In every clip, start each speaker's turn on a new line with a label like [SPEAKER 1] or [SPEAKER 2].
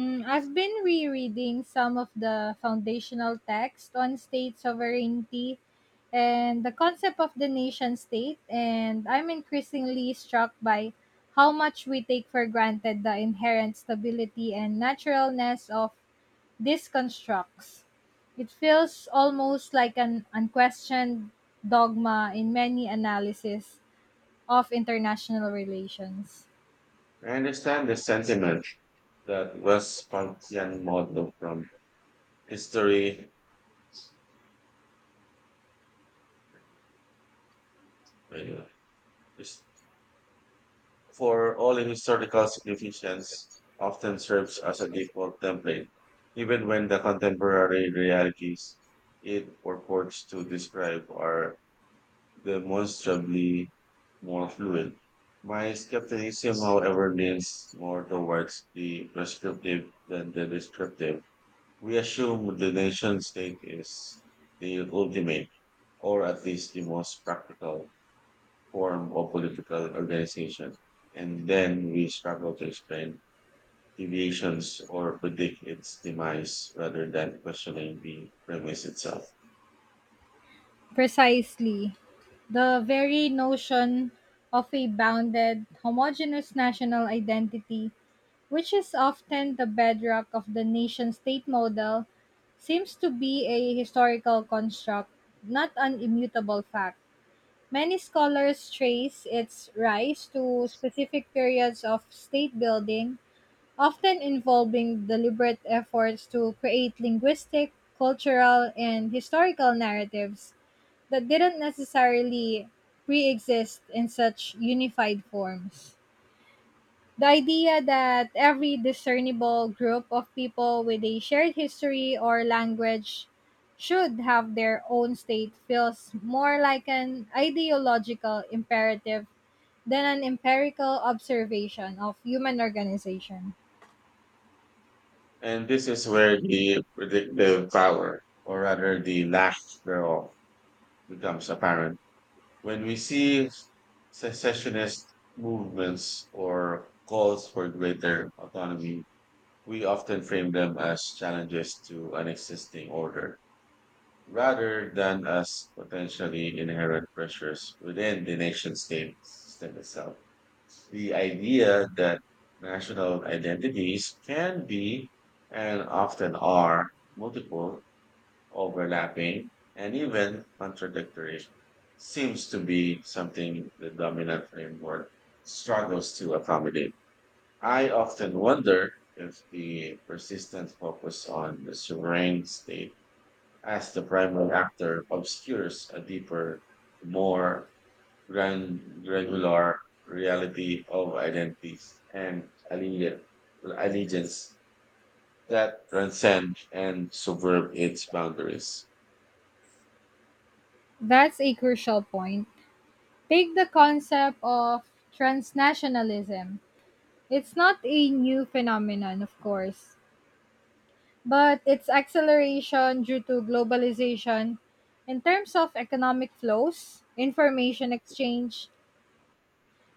[SPEAKER 1] I've been rereading some of the foundational text on state sovereignty and the concept of the nation state, and I'm increasingly struck by how much we take for granted the inherent stability and naturalness of these constructs. It feels almost like an unquestioned dogma in many analyses of international relations.
[SPEAKER 2] I understand the sentiment that West Pontian model from history uh, is for all in historical significance often serves as a default template, even when the contemporary realities it purports to describe are demonstrably more fluid. My skepticism, however, leans more towards the prescriptive than the descriptive. We assume the nation state is the ultimate, or at least the most practical, form of political organization, and then we struggle to explain deviations or predict its demise rather than questioning the premise itself.
[SPEAKER 1] Precisely. The very notion of a bounded, homogeneous national identity, which is often the bedrock of the nation state model, seems to be a historical construct, not an immutable fact. Many scholars trace its rise to specific periods of state building, often involving deliberate efforts to create linguistic, cultural, and historical narratives that didn't necessarily pre-exist in such unified forms. The idea that every discernible group of people with a shared history or language should have their own state feels more like an ideological imperative than an empirical observation of human organization.
[SPEAKER 2] And this is where the predictive power, or rather the lack thereof, becomes apparent. When we see secessionist movements or calls for greater autonomy, we often frame them as challenges to an existing order rather than as potentially inherent pressures within the nation state system itself. The idea that national identities can be and often are multiple, overlapping, and even contradictory seems to be something the dominant framework struggles to accommodate. I often wonder if the persistent focus on the sovereign state as the primary actor obscures a deeper, more granular reality of identities and allegiance that transcend and subvert its boundaries.
[SPEAKER 1] That's a crucial point. Take the concept of transnationalism. It's not a new phenomenon, of course, but its acceleration due to globalization, in terms of economic flows, information exchange,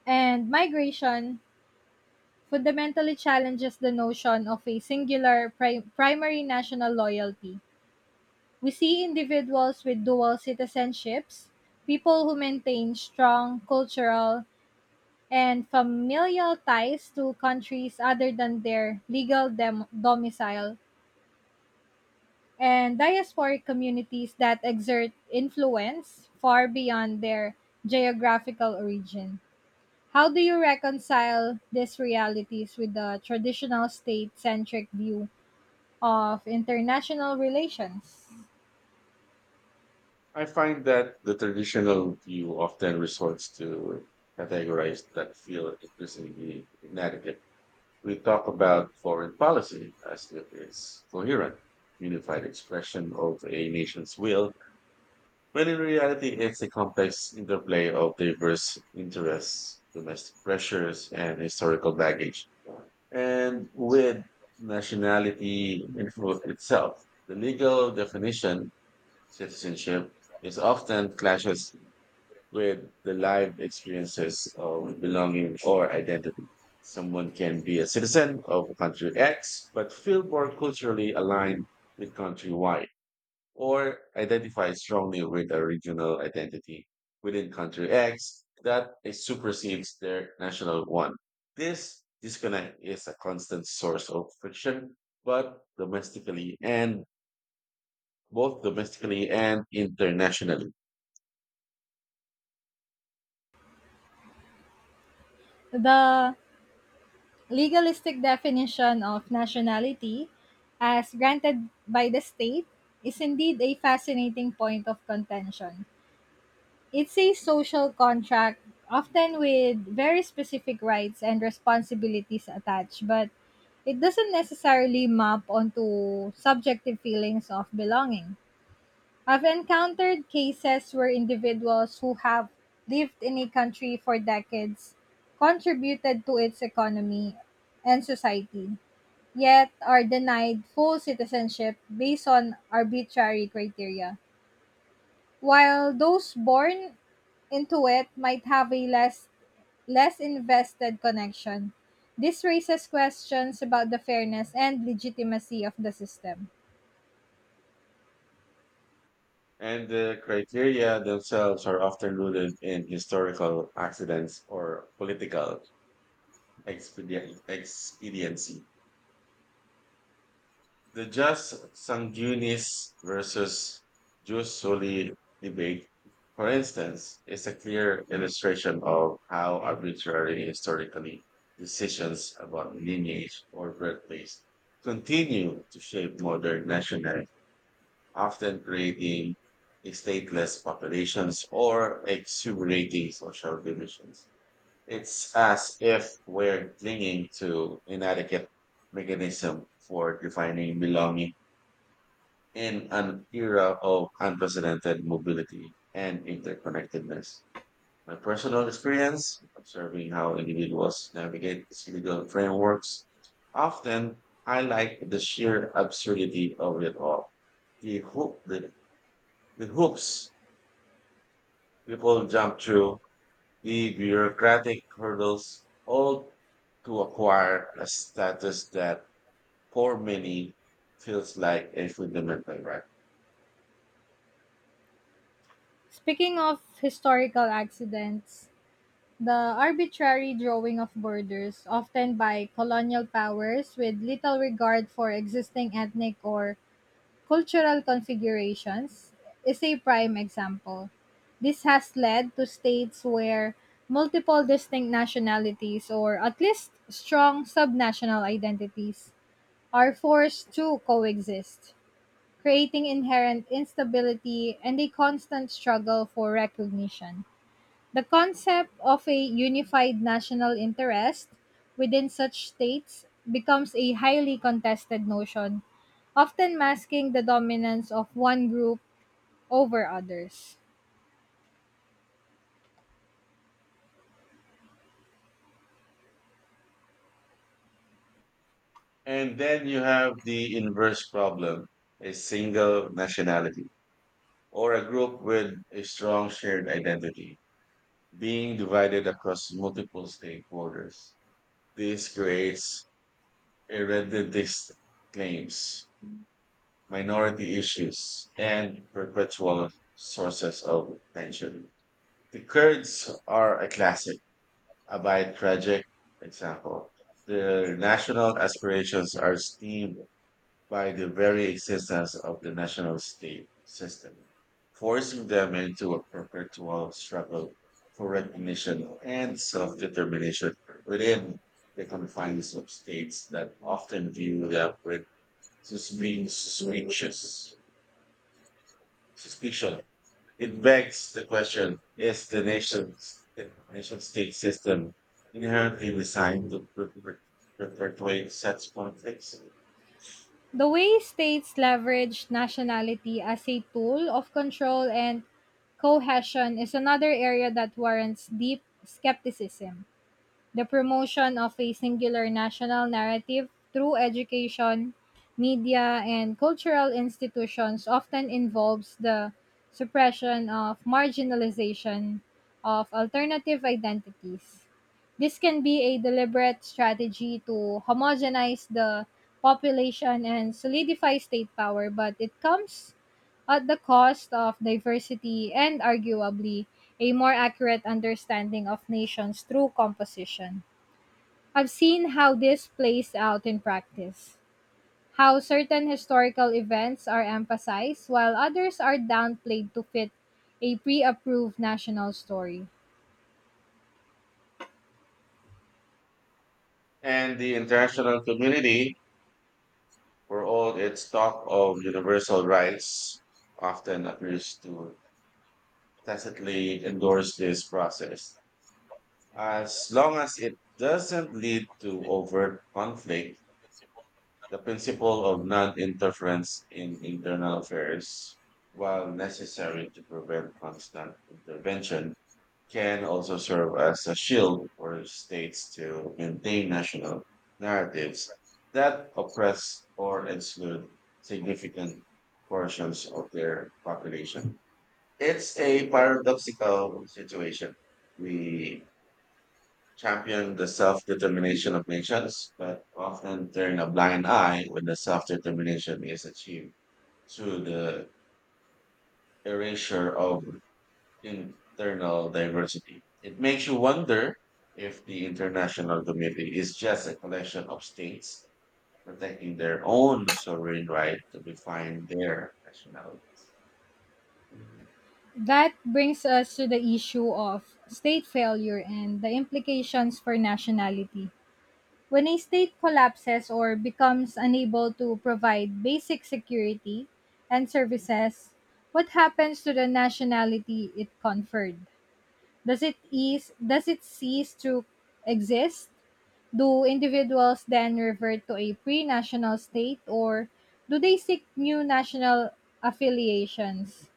[SPEAKER 1] and migration, fundamentally challenges the notion of a singular primary national loyalty. We see individuals with dual citizenships, people who maintain strong cultural and familial ties to countries other than their legal domicile, and diasporic communities that exert influence far beyond their geographical origin. How do you reconcile these realities with the traditional state centric view of international relations?
[SPEAKER 2] I find that the traditional view often resorts to categorize that feel increasingly inadequate. We talk about foreign policy as if it's coherent, unified expression of a nation's will, when in reality it's a complex interplay of diverse interests, domestic pressures, and historical baggage. And with nationality itself, the legal definition, citizenship, is often clashes with the live experiences of belonging or identity. Someone can be a citizen of country X, but feel more culturally aligned with country Y, or identify strongly with a regional identity within country X that it supersedes their national one. This disconnect is a constant source of friction, but domestically and both domestically and internationally.
[SPEAKER 1] The legalistic definition of nationality as granted by the state is indeed a fascinating point of contention. It's a social contract, often with very specific rights and responsibilities attached, but it doesn't necessarily map onto subjective feelings of belonging. I've encountered cases where individuals who have lived in a country for decades, contributed to its economy and society, yet are denied full citizenship based on arbitrary criteria, while those born into it might have a less invested connection. This raises questions about the fairness and legitimacy of the system.
[SPEAKER 2] And the criteria themselves are often rooted in historical accidents or political expediency. The just sanguinis versus jus soli debate, for instance, is a clear illustration of how arbitrary historically decisions about lineage or birthplace continue to shape modern national, often creating stateless populations or exuberating social divisions. It's as if we're clinging to inadequate mechanism for defining belonging in an era of unprecedented mobility and interconnectedness. My personal experience observing how individuals navigate these legal frameworks often highlight the sheer absurdity of it all. The hoop, the, the hoops people jump through, the bureaucratic hurdles, all to acquire a status that, for many, feels like a fundamental right.
[SPEAKER 1] Speaking of historical accidents, the arbitrary drawing of borders, often by colonial powers with little regard for existing ethnic or cultural configurations, is a prime example. This has led to states where multiple distinct nationalities, or at least strong subnational identities, are forced to coexist, creating inherent instability and a constant struggle for recognition. The concept of a unified national interest within such states becomes a highly contested notion, often masking the dominance of one group over others.
[SPEAKER 2] And then you have the inverse problem: a single nationality or a group with a strong shared identity being divided across multiple stakeholders. This creates irredentist claims, minority issues, and perpetual sources of tension. The Kurds are a classic, albeit tragic, example. Their national aspirations are steamed by the very existence of the national state system, forcing them into a perpetual struggle for recognition and self determination within the confines of states that often view them with suspicious. Suspicious suspicion. It begs the question, is the nation state system inherently designed to perpetuate such conflicts?
[SPEAKER 1] The way states leverage nationality as a tool of control and cohesion is another area that warrants deep skepticism. The promotion of a singular national narrative through education, media, and cultural institutions often involves the suppression of marginalization of alternative identities. This can be a deliberate strategy to homogenize the population and solidify state power, but it comes at the cost of diversity and arguably a more accurate understanding of nations through composition. I've seen how this plays out in practice, how certain historical events are emphasized while others are downplayed to fit a pre approved national story.
[SPEAKER 2] And the international community, for all its talk of universal rights, often appears to tacitly endorse this process. As long as it doesn't lead to overt conflict, the principle of non-interference in internal affairs, while necessary to prevent constant intervention, can also serve as a shield for states to maintain national narratives that oppress or exclude significant portions of their population. It's a paradoxical situation. We champion the self-determination of nations, but often turn a blind eye when the self-determination is achieved through the erasure of internal diversity. It makes you wonder if the international community is just a collection of states protecting their own sovereign right to define their nationality.
[SPEAKER 1] That brings us to the issue of state failure and the implications for nationality. When a state collapses or becomes unable to provide basic security and services, what happens to the nationality it conferred? Does it cease to exist? Do individuals then revert to a pre-national state, or do they seek new national affiliations?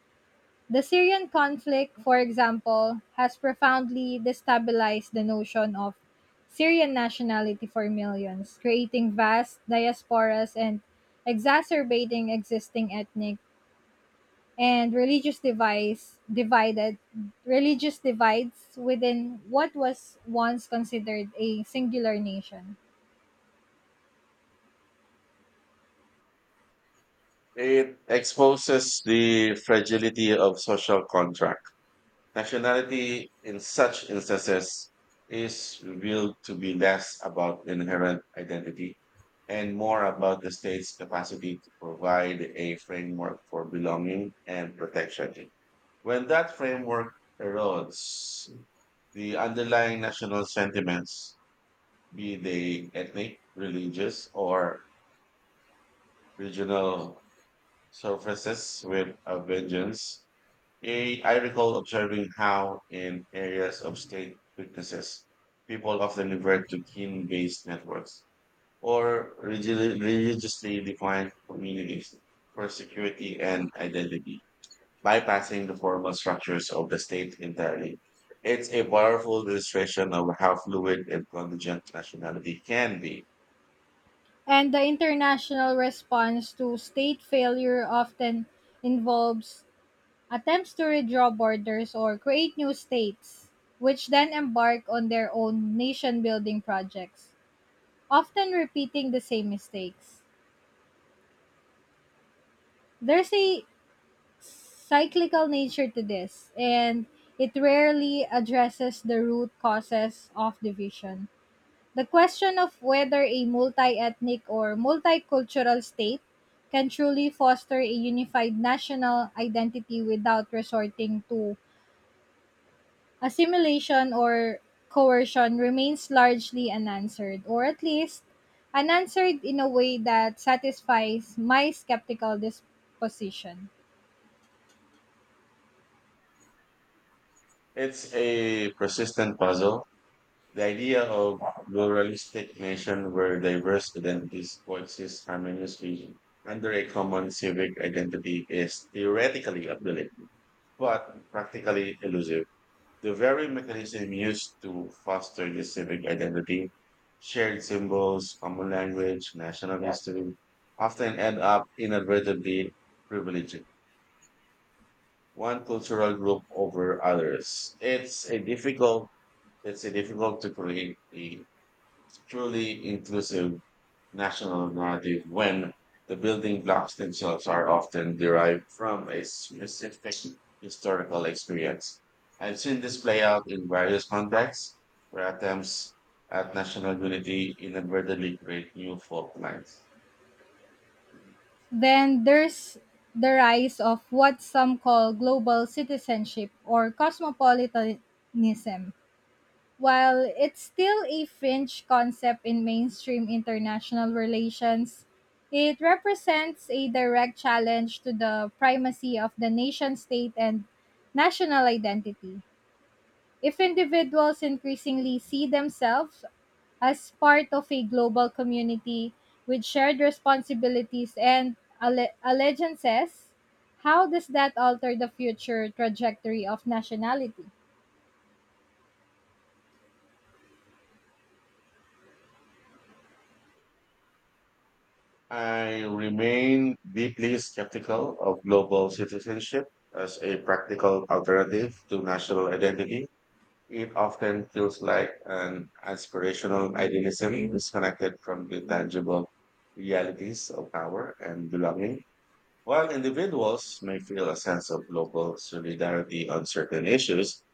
[SPEAKER 1] The Syrian conflict, for example, has profoundly destabilized the notion of Syrian nationality for millions, creating vast diasporas and exacerbating existing ethnic and religious divides within what was once considered a singular nation.
[SPEAKER 2] It exposes the fragility of social contract. Nationality in such instances is revealed to be less about inherent identity and more about the state's capacity to provide a framework for belonging and protection. When that framework erodes, the underlying national sentiments, be they ethnic, religious, or regional surfaces with a vengeance. I recall observing how, in areas of state weaknesses, people often revert to kin based networks or religiously defined communities for security and identity, bypassing the formal structures of the state entirely. It's a powerful illustration of how fluid and contingent nationality can be.
[SPEAKER 1] And the international response to state failure often involves attempts to redraw borders or create new states, which then embark on their own nation building projects, often repeating the same mistakes. There's a cyclical nature to this, and it rarely addresses the root causes of division. The question of whether a multi ethnic or multicultural state can truly foster a unified national identity without resorting to assimilation or coercion remains largely unanswered, or at least unanswered in a way that satisfies my skeptical disposition.
[SPEAKER 2] It's a persistent puzzle. The idea of pluralistic nation where diverse identities coexist harmoniously under a common civic identity is theoretically appealing, but practically elusive. The very mechanism used to foster this civic identity, shared symbols, common language, national history, often end up inadvertently privileging one cultural group over others. It's a difficult to create a truly inclusive national narrative when the building blocks themselves are often derived from a specific historical experience. I've seen this play out in various contexts where attempts at national unity inadvertently create new fault lines.
[SPEAKER 1] Then there's the rise of what some call global citizenship or cosmopolitanism. While it's still a fringe concept in mainstream international relations, it represents a direct challenge to the primacy of the nation state and national identity. If individuals increasingly see themselves as part of a global community with shared responsibilities and allegiances, how does that alter the future trajectory of nationality?
[SPEAKER 2] I remain deeply skeptical of global citizenship as a practical alternative to national identity. It often feels like an aspirational idealism disconnected from the tangible realities of power and belonging. While individuals may feel a sense of global solidarity on certain issues,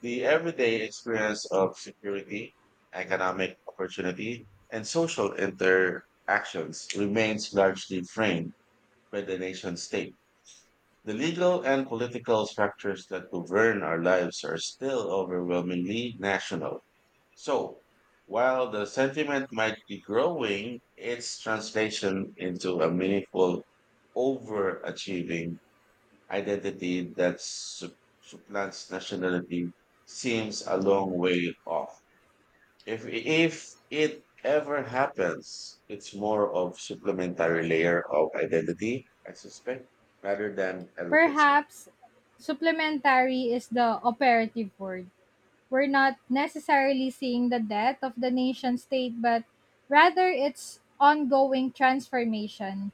[SPEAKER 2] the everyday experience of security, economic opportunity, and social interactions remains largely framed by the nation state. The legal and political structures that govern our lives are still overwhelmingly national, so, while the sentiment might be growing, its translation into a meaningful, overachieving identity that supplants nationality seems a long way off. If it ever happens, it's more of supplementary layer of identity, I suspect, rather than a replacement.
[SPEAKER 1] Perhaps supplementary is the operative word. We're not necessarily seeing the death of the nation state, but rather its ongoing transformation,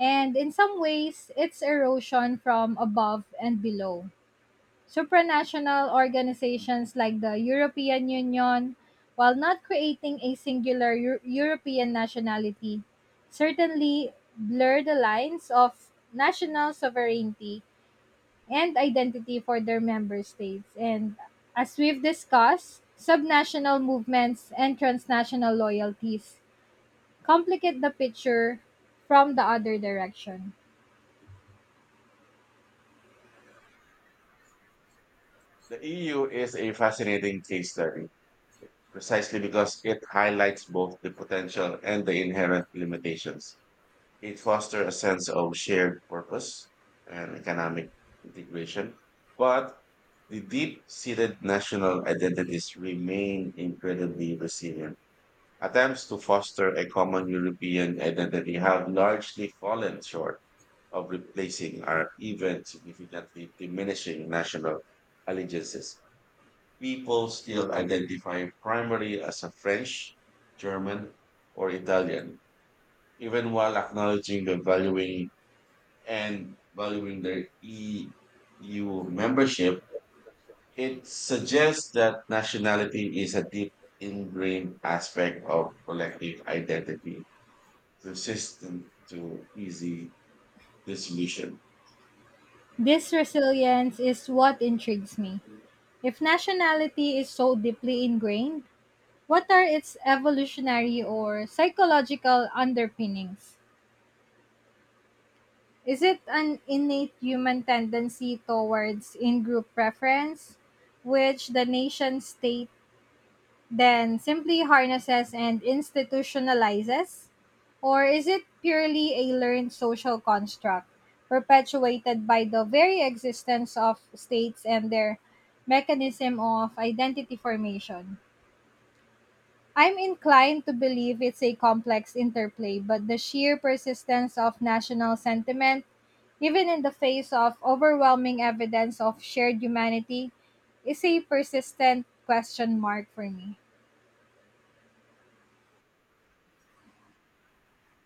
[SPEAKER 1] and in some ways its erosion from above and below. Supranational organizations like the European Union, while not creating a singular European nationality, certainly blur the lines of national sovereignty and identity for their member states. And as we've discussed, subnational movements and transnational loyalties complicate the picture from the other direction.
[SPEAKER 2] The EU is a fascinating case study precisely because it highlights both the potential and the inherent limitations. It fosters a sense of shared purpose and economic integration, but the deep seated national identities remain incredibly resilient. Attempts to foster a common European identity have largely fallen short of replacing or even significantly diminishing national allegiances. People still identify primarily as a French, German, or Italian, even while acknowledging the valuing and valuing their EU membership. It suggests that nationality is a deep ingrained aspect of collective identity, resistant to easy dissolution.
[SPEAKER 1] This resilience is what intrigues me. If nationality is so deeply ingrained, what are its evolutionary or psychological underpinnings? Is it an innate human tendency towards in group preference, which the nation state then simply harnesses and institutionalizes? Or is it purely a learned social construct perpetuated by the very existence of states and their mechanism of identity formation? I'm inclined to believe it's a complex interplay, but the sheer persistence of national sentiment, even in the face of overwhelming evidence of shared humanity, is a persistent question mark for me.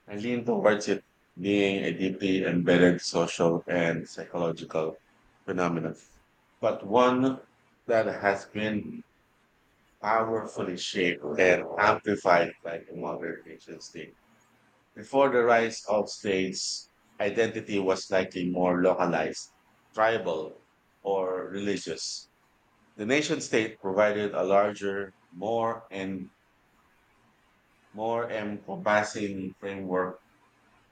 [SPEAKER 2] I lean towards it being a deeply embedded social and psychological phenomenon, but one that has been powerfully shaped and amplified by the modern nation state. Before the rise of states, identity was likely more localized, tribal, or religious. The nation state provided a larger, more encompassing framework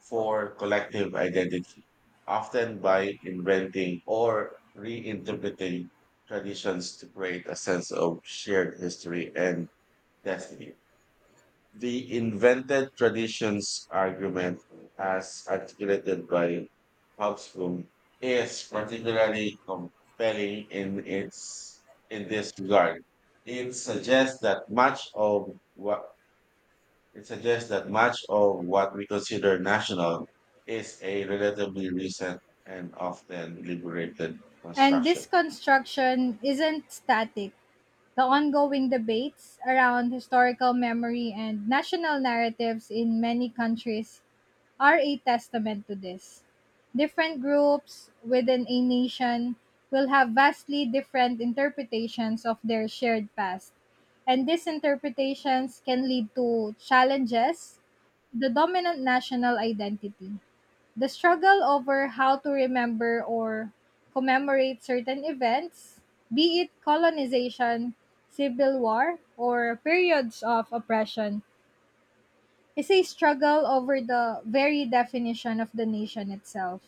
[SPEAKER 2] for collective identity, often by inventing or reinterpreting traditions to create a sense of shared history and destiny. The invented traditions argument, as articulated by Hobsbawm, is particularly compelling in this regard. It suggests that much of what it suggests that much of what we consider national is a relatively recent and often liberated
[SPEAKER 1] And
[SPEAKER 2] construction.
[SPEAKER 1] this construction isn't static. The ongoing debates around historical memory and national narratives in many countries are a testament to this. Different groups within a nation will have vastly different interpretations of their shared past, and these interpretations can lead to challenges, the dominant national identity. The struggle over how to remember or commemorate certain events, be it colonization, civil war, or periods of oppression, is a struggle over the very definition of the nation itself.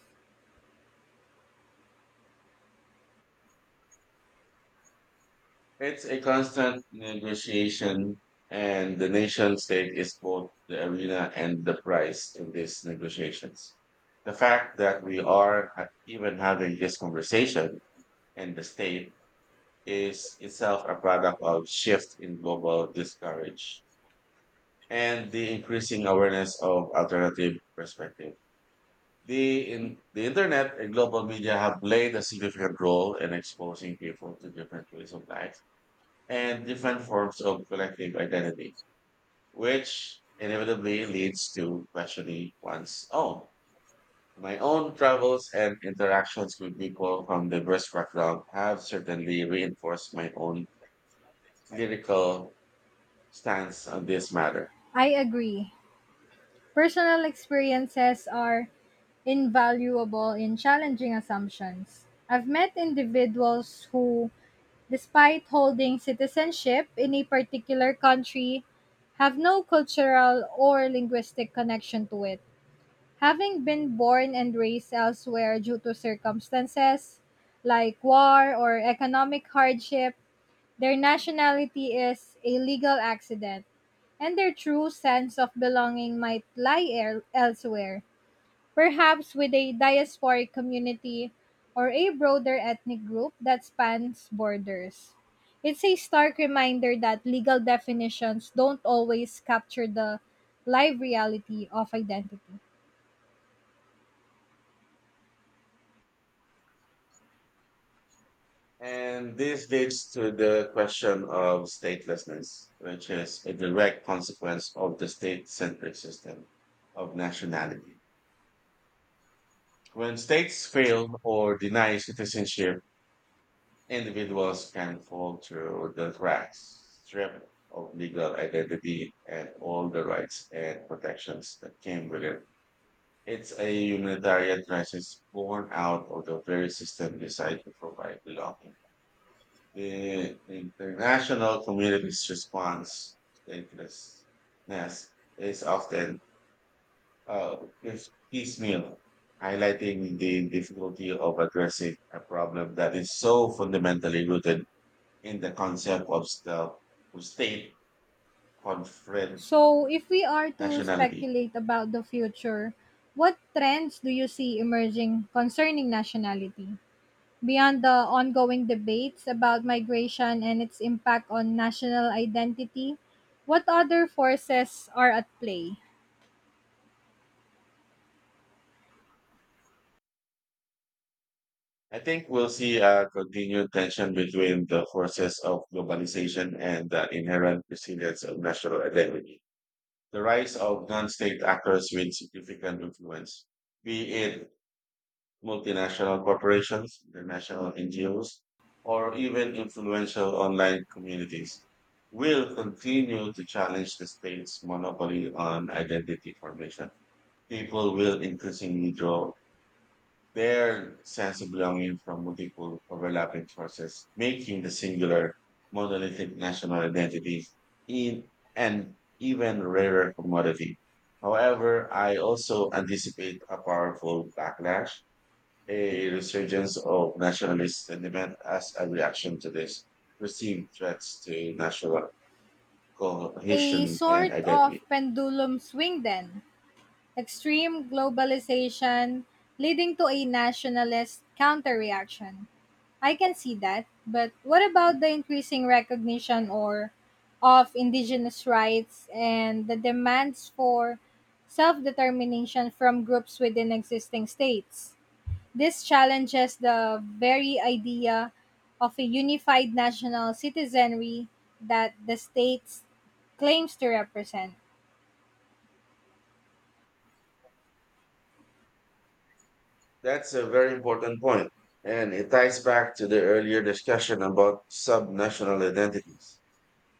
[SPEAKER 2] It's a constant negotiation, and the nation state is both the arena and the prize in these negotiations. The fact that we are even having this conversation and the state is itself a product of shift in global discourage and the increasing awareness of alternative perspectives. The internet and global media have played a significant role in exposing people to different ways of life and different forms of collective identity, which inevitably leads to questioning one's own. My own travels and interactions with people from diverse backgrounds have certainly reinforced my own lyrical stance on this matter.
[SPEAKER 1] I agree. Personal experiences are invaluable in challenging assumptions. I've met individuals who, despite holding citizenship in a particular country, have no cultural or linguistic connection to it, having been born and raised elsewhere due to circumstances like war or economic hardship. Their nationality is a legal accident, and their true sense of belonging might lie elsewhere, perhaps with a diasporic community or a broader ethnic group that spans borders. It's a stark reminder that legal definitions don't always capture the live reality of identity.
[SPEAKER 2] And this leads to the question of statelessness, which is a direct consequence of the state centric system of nationality. When states fail or deny citizenship, individuals can fall through the cracks, stripped of legal identity and all the rights and protections that came with it. It's a humanitarian crisis born out of the very system designed to provide belonging. The international community's response to statelessness is often is piecemeal, highlighting the difficulty of addressing a problem that is so fundamentally rooted in the concept of, of state conferred
[SPEAKER 1] So, if we are to
[SPEAKER 2] nationality.
[SPEAKER 1] speculate about the future, what trends do you see emerging concerning nationality? Beyond the ongoing debates about migration and its impact on national identity, what other forces are at play?
[SPEAKER 2] I think we'll see a continued tension between the forces of globalization and the inherent resilience of national identity. The rise of non-state actors with significant influence, be it multinational corporations, international NGOs, or even influential online communities, will continue to challenge the state's monopoly on identity formation. People will increasingly draw their sense of belonging from multiple overlapping sources, making the singular monolithic national identity in an even rarer commodity. However, I also anticipate a powerful backlash, a resurgence of nationalist sentiment as a reaction to this perceived threats to national
[SPEAKER 1] A
[SPEAKER 2] cohesion and
[SPEAKER 1] sort of
[SPEAKER 2] identity.
[SPEAKER 1] pendulum swing, then. Extreme globalization leading to a nationalist counterreaction. I can see that, but what about the increasing recognition or of indigenous rights and the demands for self-determination from groups within existing states? This challenges the very idea of a unified national citizenry that the states claims to represent.
[SPEAKER 2] That's a very important point, and it ties back to the earlier discussion about subnational identities.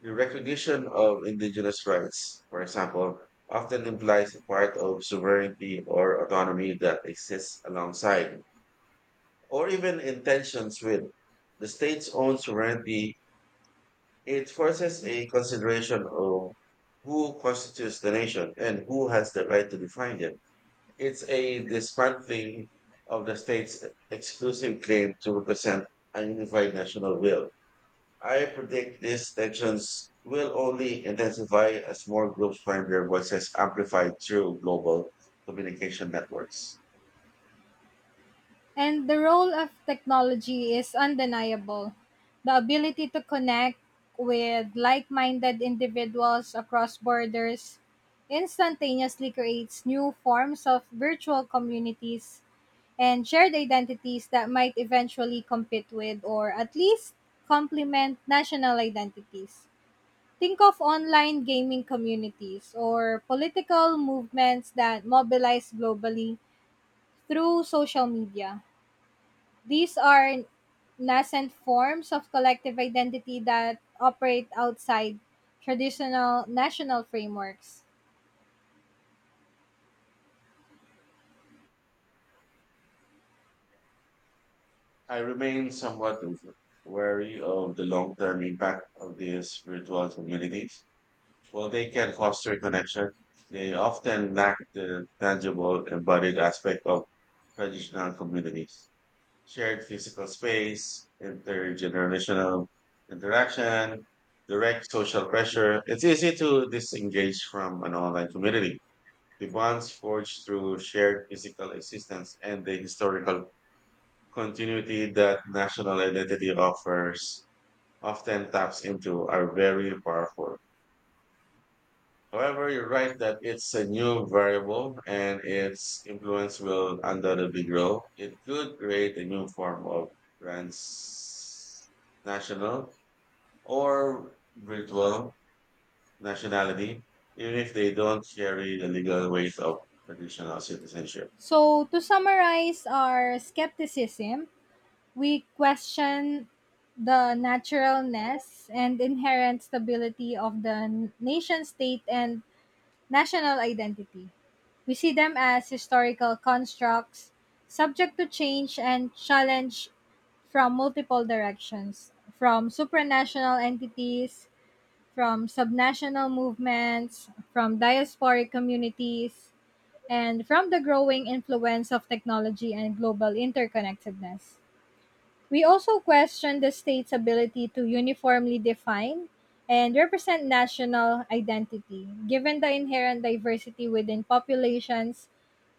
[SPEAKER 2] The recognition of indigenous rights, for example, often implies a part of sovereignty or autonomy that exists alongside, or even in tensions with the state's own sovereignty. It forces a consideration of who constitutes the nation and who has the right to define it. It's a dismantling of the state's exclusive claim to represent a unified national will. I predict these tensions will only intensify as more groups find their voices amplified through global communication networks.
[SPEAKER 1] And the role of technology is undeniable. The ability to connect with like minded individuals across borders instantaneously creates new forms of virtual communities and shared identities that might eventually compete with or at least complement national identities. Think of online gaming communities or political movements that mobilize globally through social media. These are nascent forms of collective identity that operate outside traditional national frameworks.
[SPEAKER 2] I remain somewhat wary of the long term impact of these virtual communities. While they can foster connection, they often lack the tangible embodied aspect of traditional communities. Shared physical space, intergenerational interaction, direct social pressure. It's easy to disengage from an online community. The bonds forged through shared physical existence and the historical continuity that national identity offers often taps into are very powerful. However, you're right that it's a new variable and its influence will undoubtedly grow. It could create a new form of transnational or virtual nationality, even if they don't carry the legal weight of traditional citizenship.
[SPEAKER 1] So, to summarize our skepticism, we question the naturalness and inherent stability of the nation state and national identity. We see them as historical constructs subject to change and challenge from multiple directions, from supranational entities, from subnational movements, from diasporic communities, and from the growing influence of technology and global interconnectedness. We also question the state's ability to uniformly define and represent national identity, given the inherent diversity within populations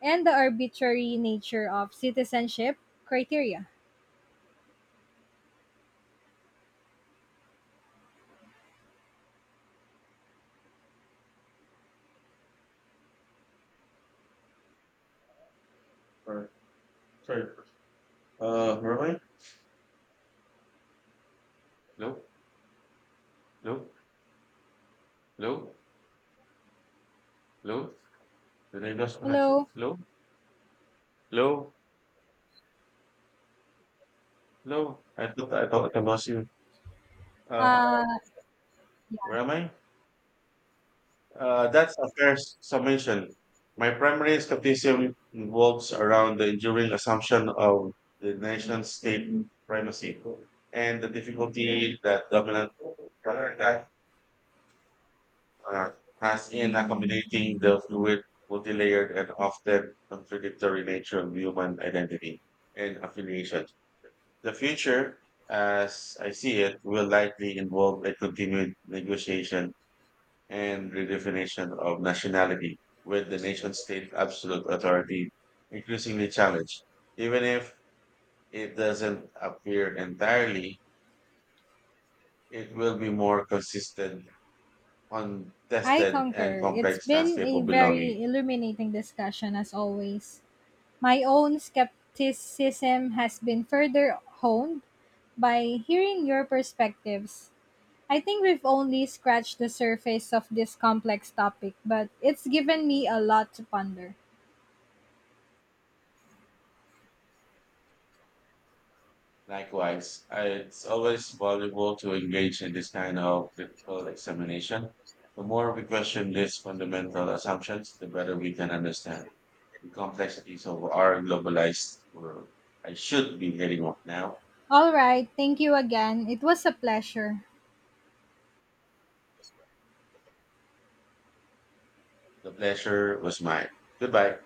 [SPEAKER 1] and the arbitrary nature of citizenship criteria.
[SPEAKER 2] Right. Sorry. Merwin? Hello? Hello? Hello? Hello? Did I lose connection?
[SPEAKER 1] Hello.
[SPEAKER 2] Hello? Hello? Hello? I thought I lost you. Uh,
[SPEAKER 1] Uh, yeah.
[SPEAKER 2] where am I? That's a fair summation. My primary skepticism involves around the enduring assumption of the nation state primacy and the difficulty that dominant that uh, has in accommodating the fluid, multi-layered, and often contradictory nature of human identity and affiliation. The future, as I see it, will likely involve a continued negotiation and redefinition of nationality, with the nation state's absolute authority increasingly challenged. Even if it doesn't appear entirely, it will be more consistent,
[SPEAKER 1] I
[SPEAKER 2] contested, and
[SPEAKER 1] concur. It's
[SPEAKER 2] complex
[SPEAKER 1] been
[SPEAKER 2] landscape
[SPEAKER 1] a
[SPEAKER 2] of belonging.
[SPEAKER 1] very illuminating discussion, as always. My own skepticism has been further honed by hearing your perspectives. I think we've only scratched the surface of this complex topic, but it's given me a lot to ponder.
[SPEAKER 2] Likewise, I- it's always valuable to engage in this kind of critical examination. The more we question these fundamental assumptions, the better we can understand the complexities of our globalized world. I should be heading off now.
[SPEAKER 1] All right, thank you again. It was a pleasure.
[SPEAKER 2] The pleasure was mine. Goodbye.